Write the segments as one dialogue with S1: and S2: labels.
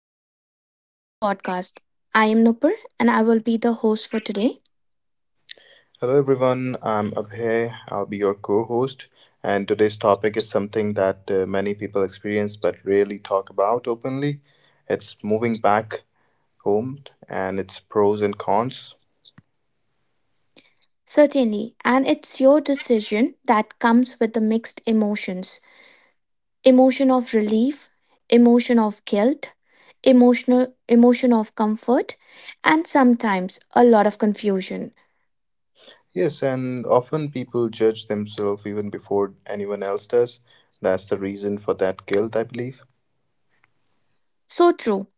S1: Welcome back to the podcast. I am Nupur and I will be the host for today.
S2: Hello everyone, I'm Abhay. I'll be your co host, and today's topic is something that many people experience but rarely talk about openly. It's moving back home and its pros and cons.
S1: Certainly, and it's your decision that comes with the mixed emotion of relief, emotion of guilt, emotion of comfort, and sometimes a lot of confusion.
S2: Yes, and often people judge themselves even before anyone else does. That's the reason for that guilt, I believe.
S1: So true.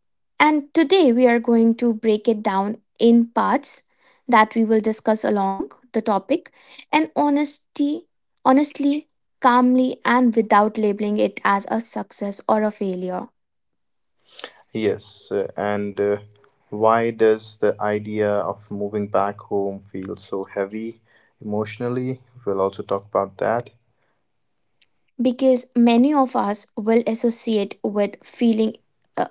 S1: And today we are going to break it down in parts that we will discuss along the topic and honesty honestly, calmly and without labeling it as a success or a failure,
S2: Yes, and Why does the idea of moving back home feel so heavy emotionally? We'll also talk about that.
S1: because many of us will associate with feeling uh,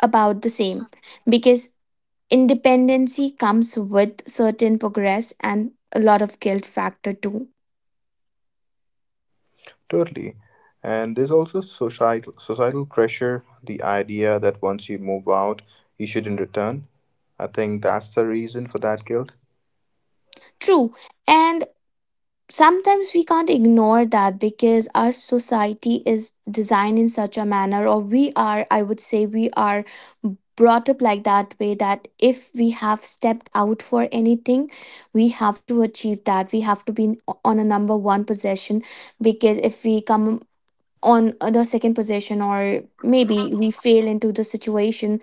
S1: about the same, because independency comes with certain progress and a lot of guilt factor too.
S2: Totally. And there's also societal pressure, the idea that once you move out, you shouldn't return. I think that's the reason for that guilt.
S1: True. And sometimes we can't ignore that, because our society is designed in such a manner, or we are, I would say we are brought up like that way, that if we have stepped out for anything we have to achieve that, we have to on a number one position, because if we come on the second position or maybe we fail into the situation,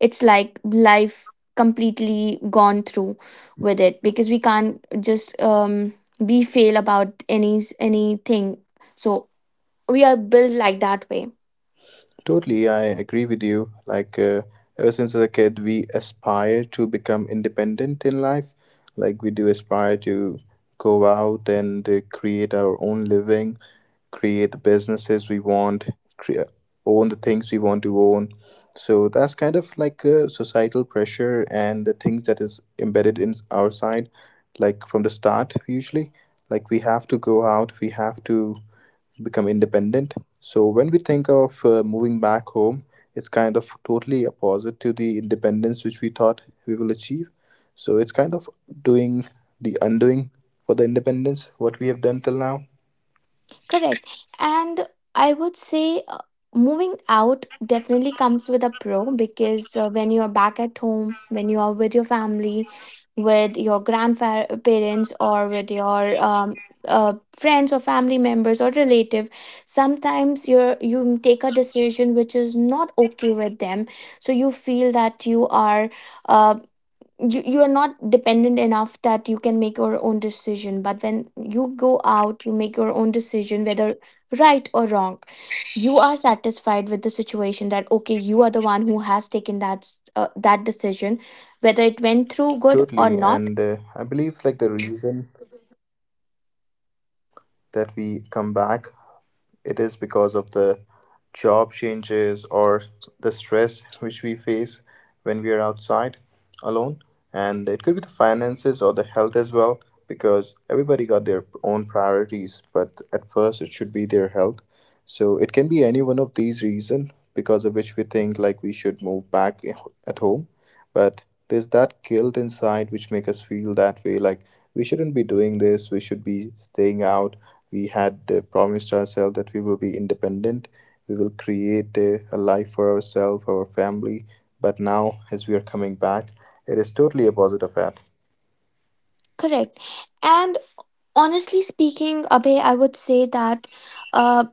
S1: it's like life completely gone through with it, because we can't just be fail about anything, so we are built like that way.
S2: Totally, I agree with you. Ever since as a kid, we aspire to become independent in life. Like, we do aspire to go out and create our own living, create the businesses we want, crea- own the things we want to own. So, that's kind of like a societal pressure and the things that is embedded in our side, like from the start, usually. Like, we have to go out, we have to become independent. So when we think of moving back home, it's kind of totally opposite to the independence which we thought we will achieve. So it's kind of doing the undoing for the independence what we have done till now.
S1: Correct. And I would say moving out definitely comes with a pro, because when you're back at home, when you are with your family, with your grandparents, or with your friends or family members or relative, sometimes you take a decision which is not okay with them. So you feel that you are uh, you, are not dependent enough that you can make your own decision, but when you go out you make your own decision, whether right or wrong, you are satisfied with the situation, that okay, you are the one who has taken that decision, whether it went through good or
S2: Totally,
S1: not.
S2: and I believe like the reason that we come back, it is because of the job changes or the stress which we face when we are outside alone. And it could be the finances or the health as well, because everybody got their own priorities, but at first it should be their health. So it can be any one of these reasons because of which we think like we should move back at home, but there's that guilt inside which make us feel that way, like we shouldn't be doing this, we should be staying out. We had promised ourselves that we will be independent, we will create a life for ourselves, our family, but now as we are coming back, it is totally opposite of that.
S1: Correct. And honestly speaking, Abhay, I would say that uh,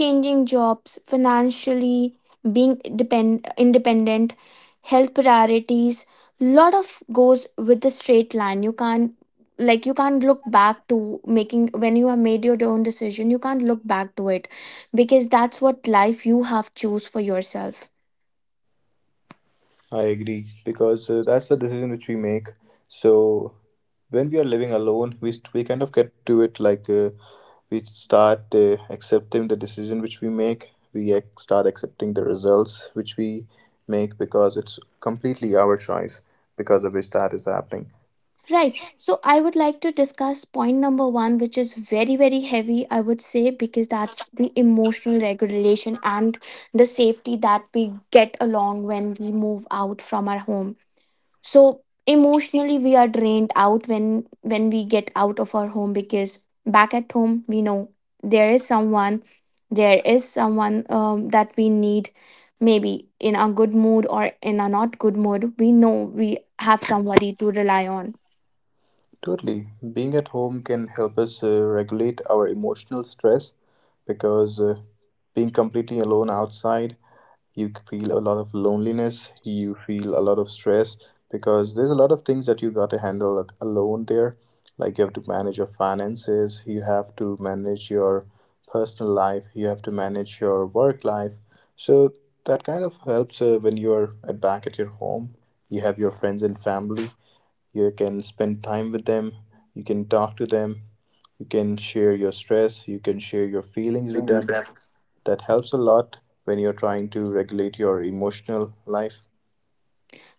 S1: changing jobs, financially being independent, health priorities. Lot of goes with the straight line. You can't, like you can't look back to making when you have made your own decision. You can't look back to it, because that's what life you have choose for yourself.
S2: I agree because that's the decision which we make. So when we are living alone, we kind of get to it like we start accepting the decision which we make. We start accepting the results which we make because it's completely our choice because of which that is happening.
S1: Right. So I would like to discuss point number one, which is very, very heavy, I would say, because that's the emotional regulation and the safety that we get along when we move out from our home. So emotionally we are drained out when we get out of our home, because back at home we know there is someone, there is someone, that we need, maybe in a good mood or in a not good mood, we know we have somebody to rely on,
S2: Totally. Being at home can help us regulate our emotional stress because being completely alone outside, you feel a lot of loneliness, you feel a lot of stress because there's a lot of things that you got to handle, like, alone there. Like you have to manage your finances, you have to manage your personal life, you have to manage your work life. So that kind of helps when you are at back at your home. You have your friends and family, you can spend time with them, you can talk to them, you can share your stress, you can share your feelings with
S1: dealing with
S2: them.
S1: them.
S2: That helps a lot when you're trying to regulate your emotional life.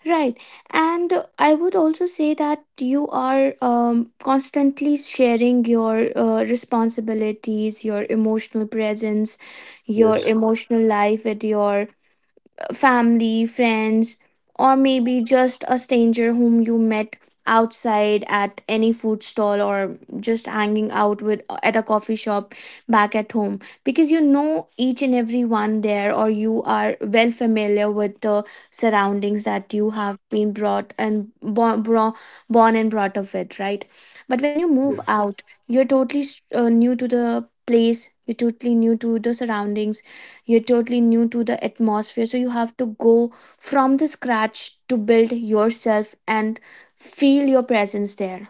S1: Right. And I would also say that you are constantly sharing your responsibilities, your emotional presence, your
S2: Yes.
S1: emotional life with your family, friends, or maybe just a stranger whom you met outside at any food stall, or just hanging out with at a coffee shop back at home, because you know each and every one there, or you are well familiar with the surroundings that you have been brought and born, bro- born and brought up with, right? But when you move out you're totally new to the place, you're totally new to the surroundings, you're totally new to the atmosphere, so you have to go from the scratch to build yourself and feel your presence there.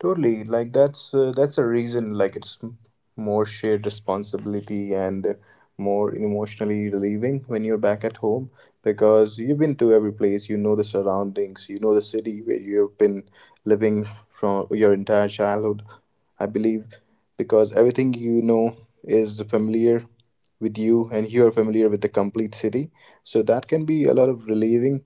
S2: Totally. Like that's a reason. Like more shared responsibility and more emotionally relieving when you're back at home, because you've been to every place. You know the surroundings. You know the city where you have been living from your entire childhood. I believe because everything you know is familiar with you and you are familiar with the complete city, so that can be a lot of relieving.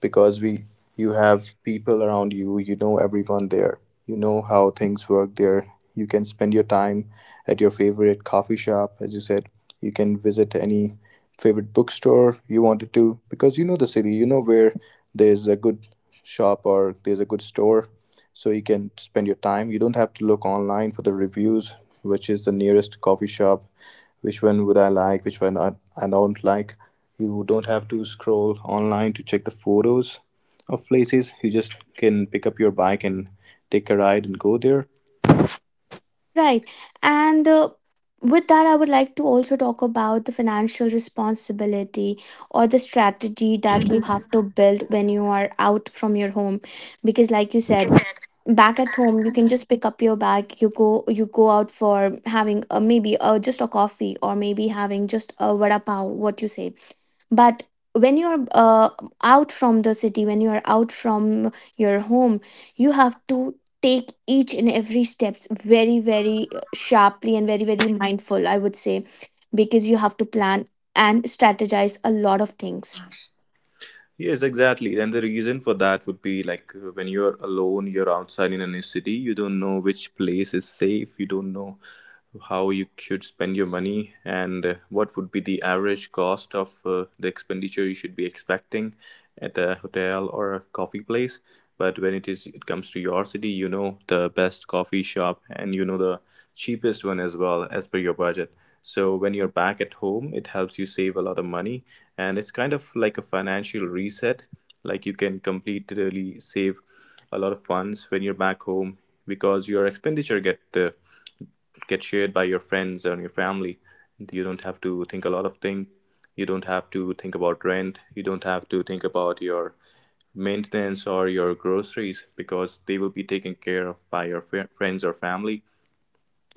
S2: Because we you have people around you, you know everyone there, you know how things work there, you can spend your time at your favorite coffee shop, as you said. You can visit any favorite bookstore you wanted to, because you know the city, you know where there's a good shop or there's a good store. So you can spend your time, you don't have to look online for the reviews, which is the nearest coffee shop, which one would I like, I don't like. You don't have to scroll online to check the photos of places, you just can pick up your bike and take a ride and go there.
S1: Right. And with that, I would like to also talk about the financial responsibility or the strategy that you have to build when you are out from your home, because like you said, back at home you can just pick up your bag, you go out for having a, maybe a, just a coffee, or maybe having just a vada pav, what you say. But when you're out from the city, when you're out from your home, you have to take each and every steps very, very sharply and very, very mindful, I would say, because you have to plan and strategize a lot of things.
S2: Yes, exactly. And the reason for that would be like when you're alone, you're outside in a new city, you don't know which place is safe, you don't know how you should spend your money, and what would be the average cost of the expenditure you should be expecting at a hotel or a coffee place. But when it comes to your city, you know the best coffee shop and you know the cheapest one as well as per your budget. So when you're back at home, it helps you save a lot of money, and it's kind of like a financial reset. Like you can completely save a lot of funds when you're back home, because your expenditure get shared by your friends and your family. You don't have to think a lot of things. You don't have to think about rent. You don't have to think about your maintenance or your groceries, because they will be taken care of by your friends or family.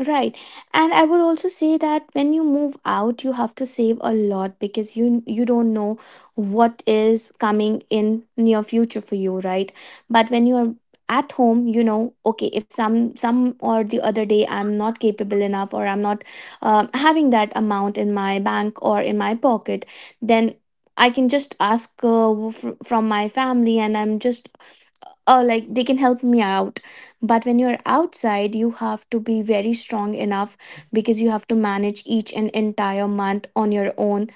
S1: Right. And I would also say that when you move out, you have to save a lot, because you don't know what is coming in near future for you, right? But when you are at home, you know, okay, if some or the other day I'm not capable enough, or I'm not having that amount in my bank or in my pocket, then I can just ask from my family and I'm just, oh, like they can help me out. But when you're outside you have to be very strong enough, because you have to manage each and entire month on your own.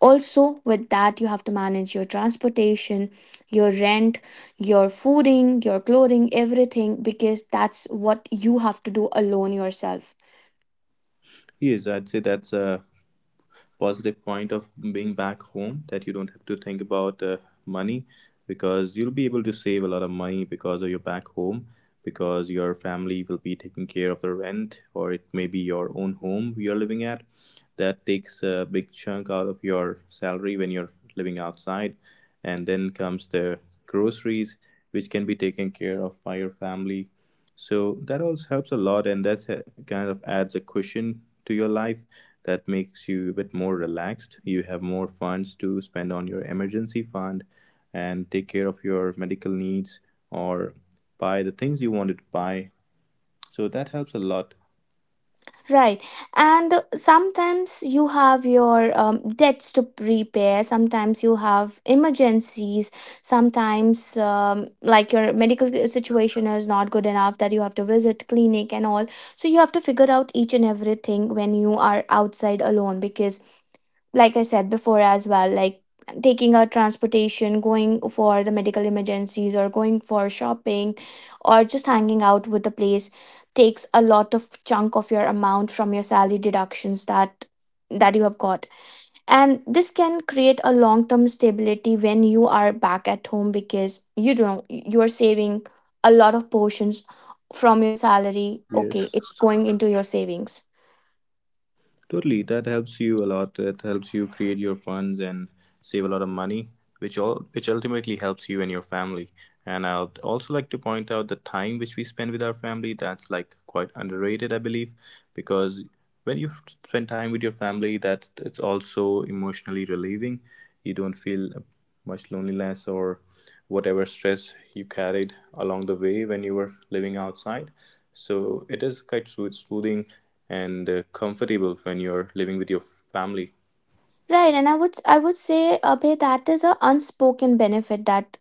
S1: Also with that, you have to manage your transportation, your rent, your fooding, your clothing, everything, because that's what you have to do alone yourself.
S2: Yes, I'd say that's a positive point of being back home, that you don't have to think about money, because you'll be able to save a lot of money because of your back home, because your family will be taking care of the rent, or it may be your own home you're living at. That takes a big chunk out of your salary when you're living outside. And then comes the groceries, which can be taken care of by your family, so that also helps a lot, and that's kind of adds a cushion to your life, that makes you a bit more relaxed. You have more funds to spend on your emergency fund and take care of your medical needs, or buy the things you wanted to buy, so that helps a lot.
S1: Right. And sometimes you have your debts to repair, sometimes you have emergencies, sometimes like your medical situation is not good enough that you have to visit clinic and all. So you have to figure out each and everything when you are outside alone, because like I said before as well, like taking a transportation, going for the medical emergencies, or going for shopping, or just hanging out with the place takes a lot of chunk of your amount from your salary deductions that you have got, and this can create a long term stability when you are back at home, because you don't you are saving a lot of portions from your salary, okay,
S2: Yes.
S1: it's going into your savings.
S2: Totally, that helps you a lot. That helps you create your funds and save a lot of money, which all which ultimately helps you and your family. And I'd also like to point out the time which we spend with our family. That's like quite underrated, I believe, because when you f- spend time with your family, that it's also emotionally relieving. You don't feel much loneliness or whatever stress you carried along the way when you were living outside. So it is quite soothing and comfortable when you're living with your family.
S1: Right, and I would say, Abhay, that is a unspoken benefit, that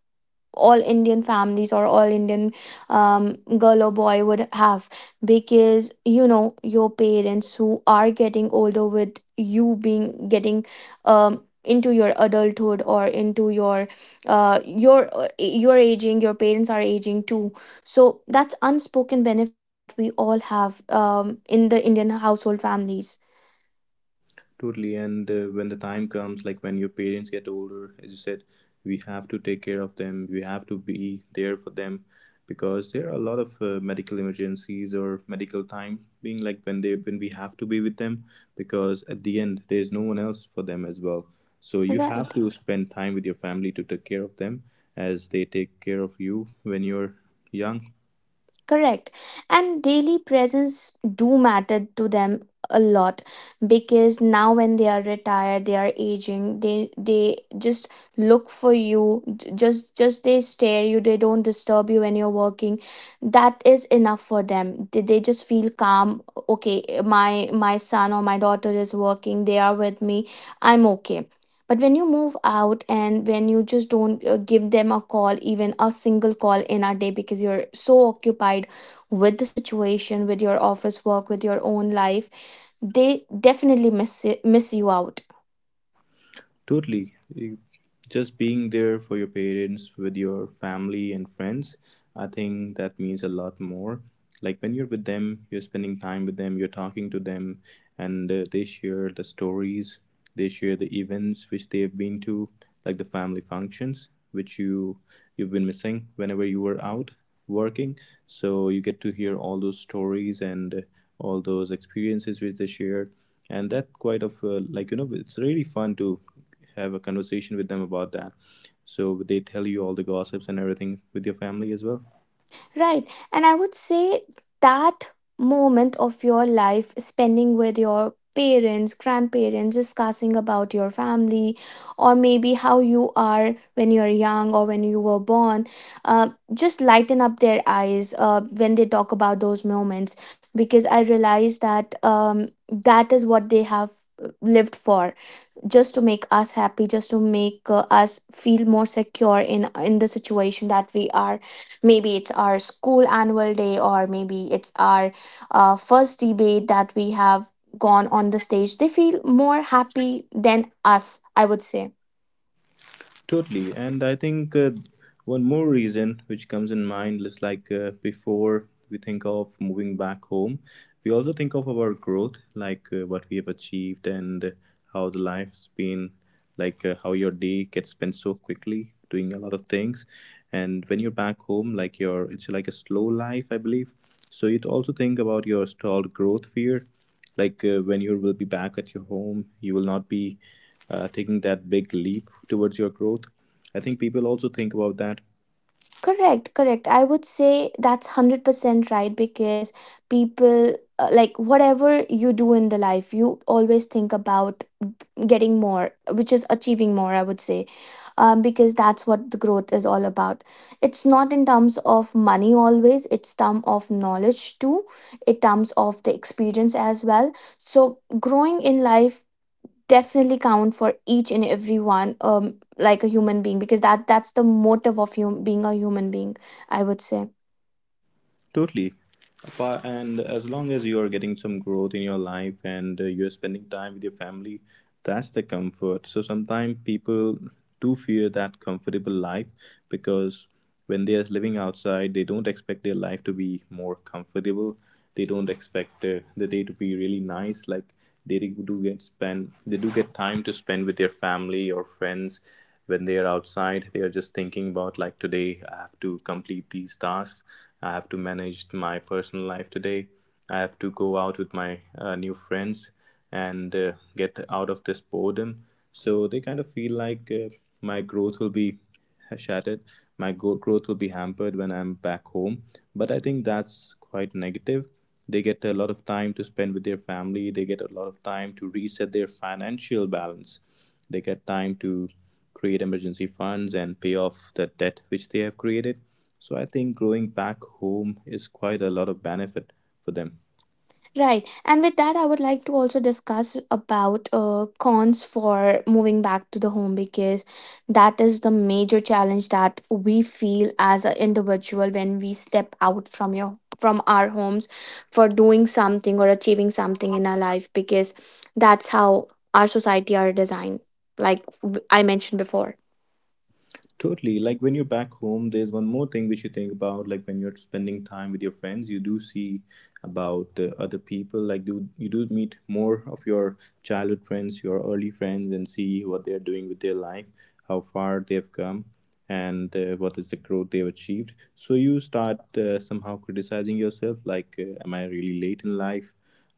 S1: all Indian families or all Indian um, girl or boy would have, because you know your parents who are getting older, with you being getting into your adulthood or into your your aging, your parents are aging too. So that's unspoken benefit that we all have in the Indian household families.
S2: Totally. And when the time comes, like when your parents get older, as you said, we have to take care of them. We have to be there for them, because there are a lot of medical emergencies or medical time being, like when they when we have to be with them, because at the end there is no one else for them as well. So you
S1: Right.
S2: have to spend time with your family to take care of them as they take care of you when you're young.
S1: Correct. And daily presence do matter to them a lot, because now when they are retired, they are aging, they just look for you, just they stare you, they don't disturb you when you're working. That is enough for them. They just feel calm. Okay, my son or my daughter is working, they are with me, I'm okay. But when you move out and when you just don't give them a call, even a single call in a day, because you're so occupied with the situation, with your office work, with your own life, they definitely miss it, miss you out.
S2: Totally. You- Just being there for your parents, with your family and friends, I think that means a lot more. Like when you're with them, you're spending time with them, you're talking to them, and they share the stories, they share the events which they've been to, like the family functions which you've been missing whenever you were out working. So you get to hear all those stories and all those experiences which they shared, and that quite of like, it's really fun to have a conversation with them about that. So they tell you all the gossips and everything with your family as well.
S1: Right. And I would say that moment of your life spending with your parents, grandparents, discussing about your family, or maybe how you are when you're young or when you were born, just lighten up their eyes when they talk about those moments, because I realize that that is what they have lived for, just to make us happy, just to make us feel more secure in the situation that we are, maybe it's our school annual day, or maybe it's our first debate that we have gone on the stage, they feel more happy than us, I would say.
S2: Totally. And I think one more reason which comes in mind is like, before we think of moving back home, we also think of our growth, like what we have achieved and how the life's been, like how your day gets spent so quickly doing a lot of things. And when you're back home, like your it's like a slow life, I believe. So you also think about your stalled growth fear, like when you will be back at your home, you will not be taking that big leap towards your growth. I think people also think about that.
S1: Correct, correct. I would say that's 100% right, because people, like whatever you do in the life, you always think about getting more, which is achieving more, I would say, because that's what the growth is all about. It's not in terms of money always, it's term of knowledge too, in terms of the experience as well. So growing in life definitely count for each and every one, like a human being, because that's the motive of being a human being, I would say.
S2: Totally. And as long as you are getting some growth in your life and you're spending time with your family, that's the comfort. So sometimes people do fear that comfortable life, because when they are living outside, they don't expect their life to be more comfortable. They don't expect the day to be really nice. Like, they do get time to spend with their family or friends. When they are outside, they are just thinking about, like, today I have to complete these tasks, I have to manage my personal life today, I have to go out with my new friends and get out of this boredom. So they kind of feel like, my growth will be shattered. My growth will be hampered when I'm back home. But I think that's quite negative. They get a lot of time to spend with their family, they get a lot of time to reset their financial balance, they get time to create emergency funds and pay off the debt which they have created. So I think growing back home is quite a lot of benefit for them.
S1: Right. And with that, I would like to also discuss about cons for moving back to the home, because that is the major challenge that we feel as an individual when we step out from your from our homes for doing something or achieving something in our life, because that's how our society are designed, like I mentioned before.
S2: Totally. Like when you're back home, there's one more thing which you think about. Like when you're spending time with your friends, you do see about other people. Like, do you do meet more of your childhood friends, your early friends, and see what they're doing with their life, how far they've come and what is the growth they've achieved. So you start somehow criticizing yourself, like, am I really late in life,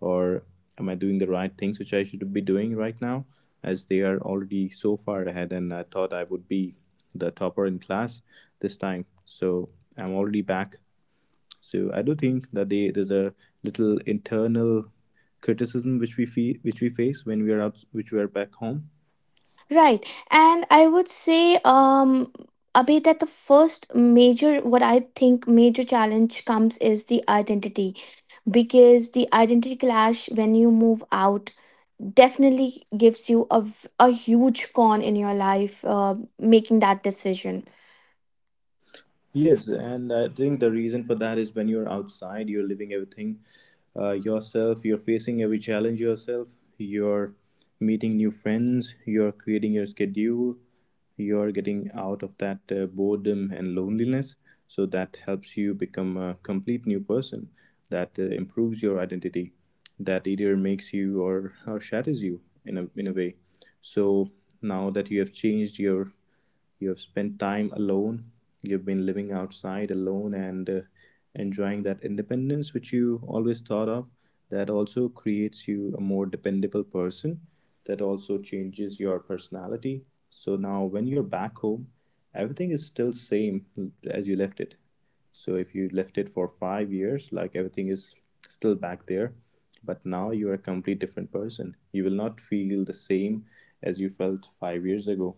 S2: or am I doing the right things which I should be doing right now, as they are already so far ahead and I thought I would be the topper in class this time. So I'm already back. So I do think that there's a little internal criticism which we feel, which we face when we are out, which we are back home.
S1: Right. And I would say, Abhi, that the first major, what I think major challenge comes is the identity, because the identity clash when you move out definitely gives you a huge con in your life making that decision.
S2: Yes, and I think the reason for that is when you're outside, you're living everything yourself, you're facing every challenge yourself, you're meeting new friends, you're creating your schedule, you're getting out of that boredom and loneliness. So that helps you become a complete new person, that improves your identity, that either makes you or shatters you in in a way. So now that you have changed your you have spent time alone, you've been living outside alone, and enjoying that independence which you always thought of, that also creates you a more dependable person, that also changes your personality. So now when you're back home, everything is still same as you left it. So if you left it for 5 years, like everything is still back there, but now you are a complete different person. You will not feel the same as you felt 5 years ago.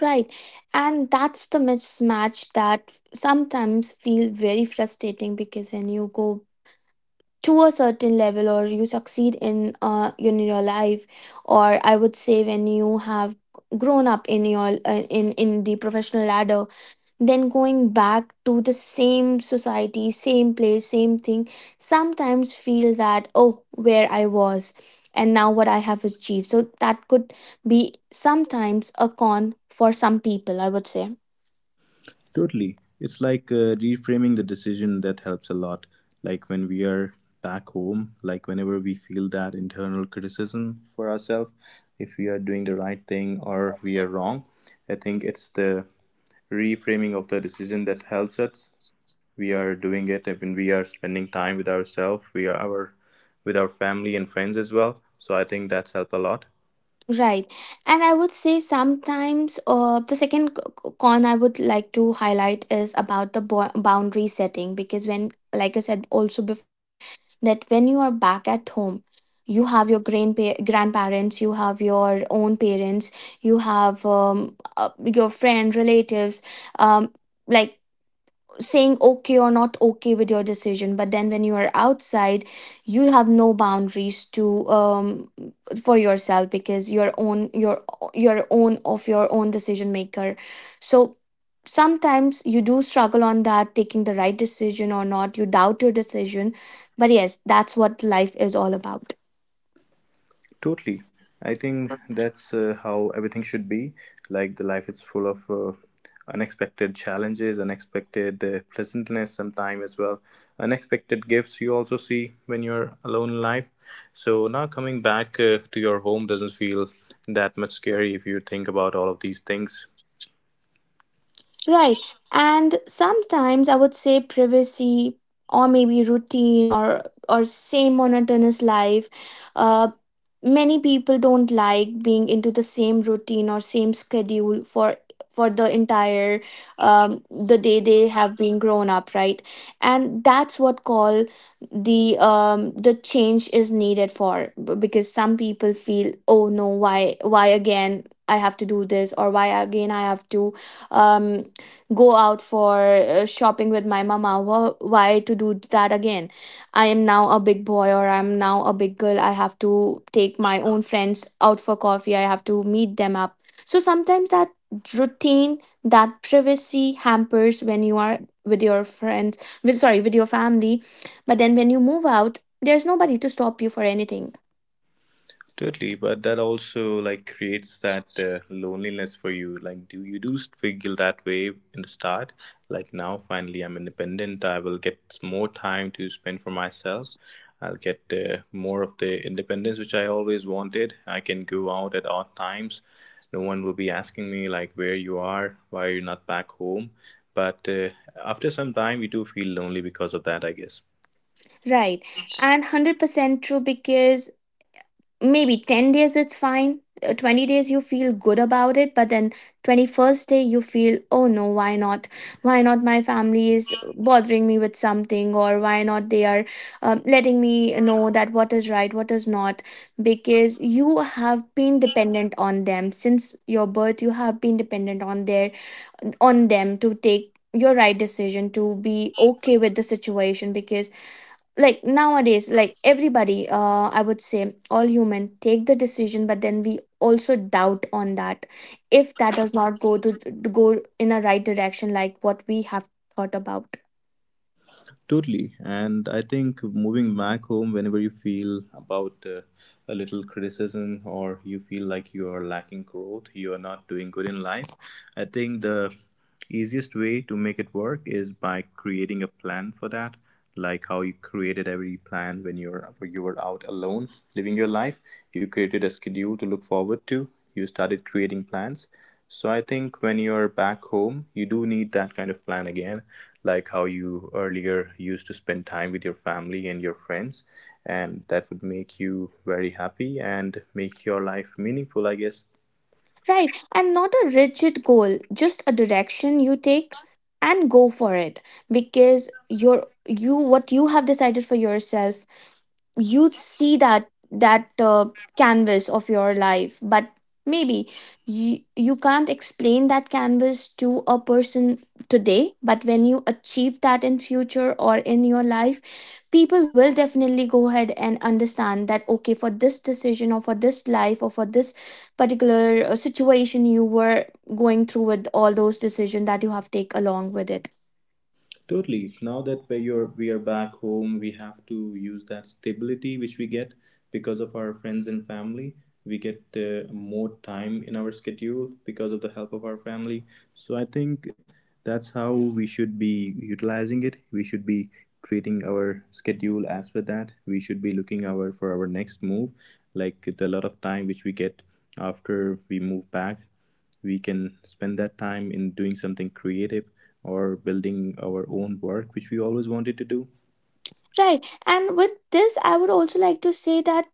S1: Right. And that's the mismatch that sometimes feel very frustrating because when you go to a certain level or you succeed in your life, or I would say when you have grown up in your in the professional ladder, then going back to the same society, same place, same thing sometimes feel that, oh, where I was and now what I have achieved, so that could be sometimes a con for some people, I would say.
S2: Totally. It's like reframing the decision that helps a lot. Like when we are back home, like whenever we feel that internal criticism for ourselves, if we are doing the right thing or we are wrong, I think it's the reframing of the decision that helps us. We are doing it when we are spending time with ourselves, we are our with our family and friends as well. So I think that's helped a lot.
S1: Right. And I would say sometimes the second con I would like to highlight is about the boundary setting because when, like I said also before, that when you are back at home, you have your grandparents, you have your own parents, you have your friend, relatives, um, like, saying okay or not okay with your decision, but then when you are outside, you have no boundaries to for yourself because your own, of your own decision maker. So sometimes you do struggle on that, taking the right decision or not, you doubt your decision, but yes, that's what life is all about.
S2: Totally. I think that's how everything should be. Like the life is full of unexpected challenges, unexpected pleasantness sometime as well, unexpected gifts you also see when you're alone in life. So now coming back to your home doesn't feel that much scary if you think about all of these things.
S1: Right. And sometimes I would say privacy, or maybe routine, or same monotonous life. Uh, Many people don't like being into the same routine or same schedule for the entire the day they have been grown up, right? And that's what call the change is needed for because some people feel, oh no, why why again I have to do this, or why again I have to um go out for shopping with my mama. Why to do that again? I am now a big boy, or I'm now a big girl, I have to take my own friends out for coffee, I have to meet them up. So sometimes that routine, that privacy hampers when you are with your friends, with, sorry, with your family. But then when you move out, there's nobody to stop you for anything.
S2: Totally, but that also like creates that loneliness for you. Like, do you do feel that way in the start? Like now, finally, I'm independent. I will get more time to spend for myself. I'll get more of the independence which I always wanted. I can go out at odd times. No one will be asking me, like, where you are, why are you not back home. But after some time, you do feel lonely because of that, I guess.
S1: Right. And 100% true, because maybe 10 days it's fine. 20 days you feel good about it, but then 21st day you feel, oh no, why not, why not my family is bothering me with something, or why not they are letting me know that what is right, what is not, because you have been dependent on them since your birth, you have been dependent on their on them to take your right decision, to be okay with the situation. Because like nowadays, like everybody, I would say, all human take the decision, but then we also doubt on that, if that does not go to go in a right direction, like what we have thought about.
S2: Totally. And I think moving back home, whenever you feel about a little criticism or you feel like you are lacking growth, you are not doing good in life, I think the easiest way to make it work is by creating a plan for that, like how you created every plan when you were out alone living your life. You created a schedule to look forward to, you started creating plans. So I think when you're back home, you do need that kind of plan again, like how you earlier used to spend time with your family and your friends, and that would make you very happy and make your life meaningful, I guess.
S1: Right, and not a rigid goal, just a direction you take and go for it. Because your, you, what you have decided for yourself, you see that that canvas of your life, but maybe you, you can't explain that canvas to a person today, but when you achieve that in future or in your life, people will definitely go ahead and understand that, okay, for this decision or for this life or for this particular situation, you were going through with all those decisions that you have take along with it.
S2: Totally. Now that we are back home, we have to use that stability which we get because of our friends and family. We get more time in our schedule because of the help of our family. So I think that's how we should be utilizing it. We should be creating our schedule as per that. We should be looking our for our next move, like the lot of time which we get after we move back, we can spend that time in doing something creative or building our own work which we always wanted to do.
S1: Right. And with this, I would also like to say that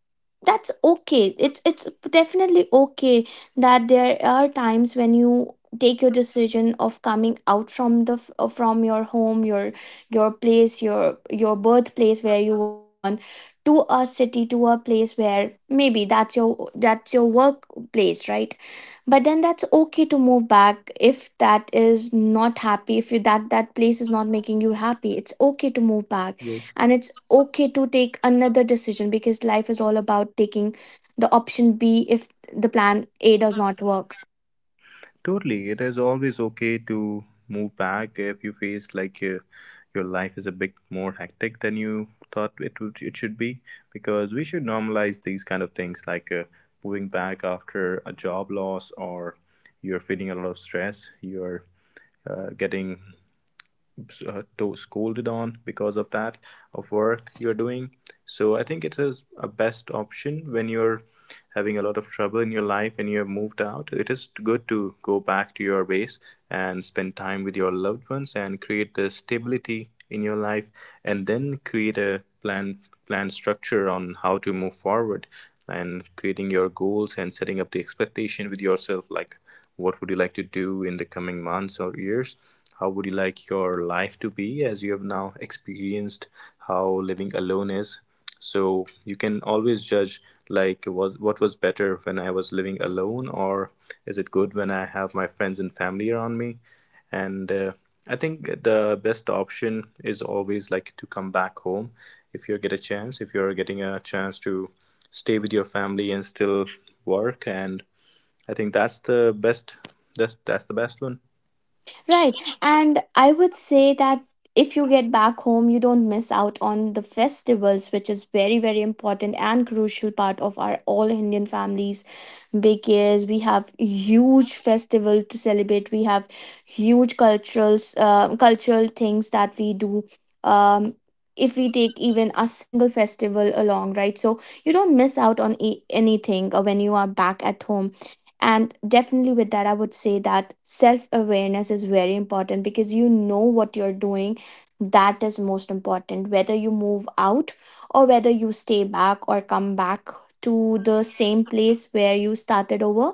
S1: that's okay. It's definitely okay that there are times when you take your decision of coming out from the from your home, your place, your birthplace where you were born, to a city, to a place where maybe that's your, that's your workplace, right? But then that's okay to move back if that is not happy, if you, that that place is not making you happy. It's okay to move back, and it's okay to take another decision, because life is all about taking the option B if the plan A does not work.
S2: Totally. It is always okay to move back if you face like, your life is a bit more hectic than you thought it should be, because we should normalize these kind of things, like moving back after a job loss, or you're feeling a lot of stress, you're getting to scolded on because of that of work you're doing. So I think it is a best option when you're having a lot of trouble in your life and you're moved out. It is good to go back to your base and spend time with your loved ones and create the stability in your life, and then create a plan structure on how to move forward, and creating your goals and setting up the expectation with yourself, like what would you like to do in the coming months or years, how would you like your life to be, as you have now experienced how living alone is. So you can always judge, like was what was better when I was living alone, or is it good when I have my friends and family around me. And I think the best option is always like to come back home, if you get a chance, if you're getting a chance to stay with your family and still work. And I think that's the best. That's the best one.
S1: Right. And I would say that if you get back home, you don't miss out on the festivals, which is very, very important and crucial part of our all Indian families. Because we have huge festivals to celebrate, we have huge cultural cultural things that we do. um if we take even a single festival along, right, so you don't miss out on anything when you are back at home. And definitely with that, I would say that self awareness is very important, because you know what you're doing, that is most important, whether you move out or whether you stay back or come back to the same place where you started over.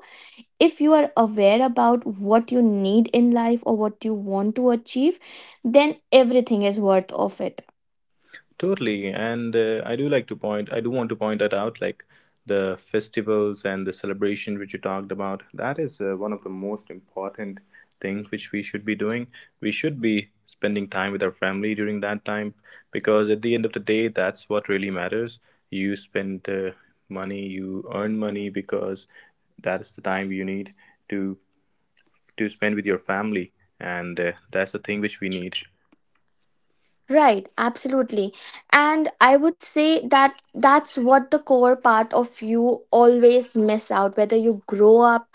S1: If you are aware about what you need in life or what you want to achieve, then everything is worth of it.
S2: Totally, and I do like to point. I do want to point that out, like the festivals and the celebration which you talked about. That is one of the most important things which we should be doing. We should be spending time with our family during that time, because at the end of the day, that's what really matters. You spend money, you earn money because that is the time you need to to spend with your family, and that's the thing which we need.
S1: Right, absolutely. And I would say that that's what the core part of you always miss out, whether you grow up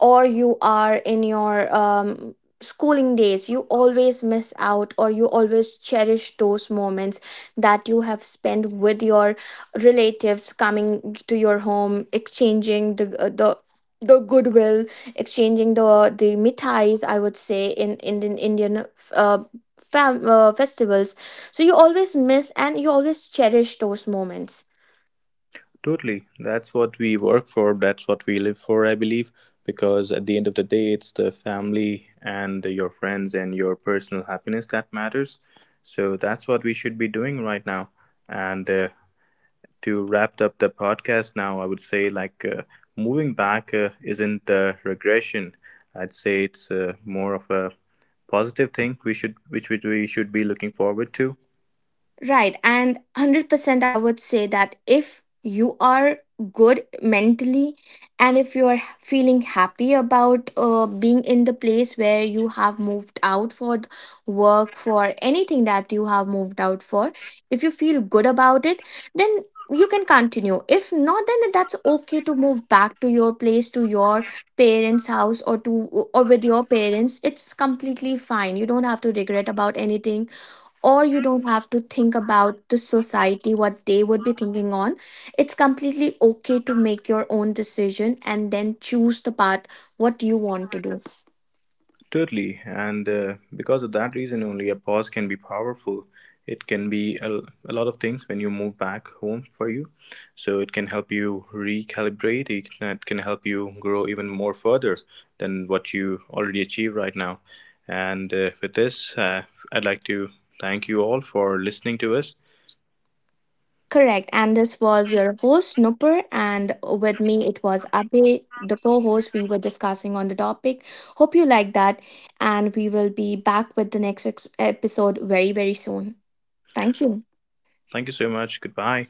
S1: or you are in your schooling days. You always miss out, or you always cherish those moments that you have spent with your relatives coming to your home, exchanging the goodwill, exchanging the mithais, I would say, in Indian, Indian uh, festivals, so you always miss and you always cherish those moments.
S2: Totally. That's what we work for. That's what we live for, I believe. Because at the end of the day, it's the family and your friends and your personal happiness that matters. So that's what we should be doing right now. And to wrap up the podcast now, I would say like, moving back isn't a regression. I'd say it's more of a positive thing we should which we should be looking forward to.
S1: Right. And 100% I would say that if you are good mentally and if you are feeling happy about being in the place where you have moved out for work, for anything that you have moved out for, if you feel good about it, then you can continue. If not, then that's okay to move back to your place, to your parents' house, or to or with your parents. It's completely fine. You don't have to regret about anything, or you don't have to think about the society what they would be thinking on. It's completely okay to make your own decision and then choose the path what you want to do.
S2: Totally, and because of that reason only, a pause can be powerful. It can be a lot of things when you move back home for you. So it can help you recalibrate. It can help you grow even more further than what you already achieve right now. And with this, I'd like to thank you all for listening to us.
S1: Correct. And this was your host, Nupur, and with me it was Abhay, the co-host. We were discussing on the topic, hope you like that, and we will be back with the next episode very, very soon. Thank you.
S2: Thank you so much. Goodbye.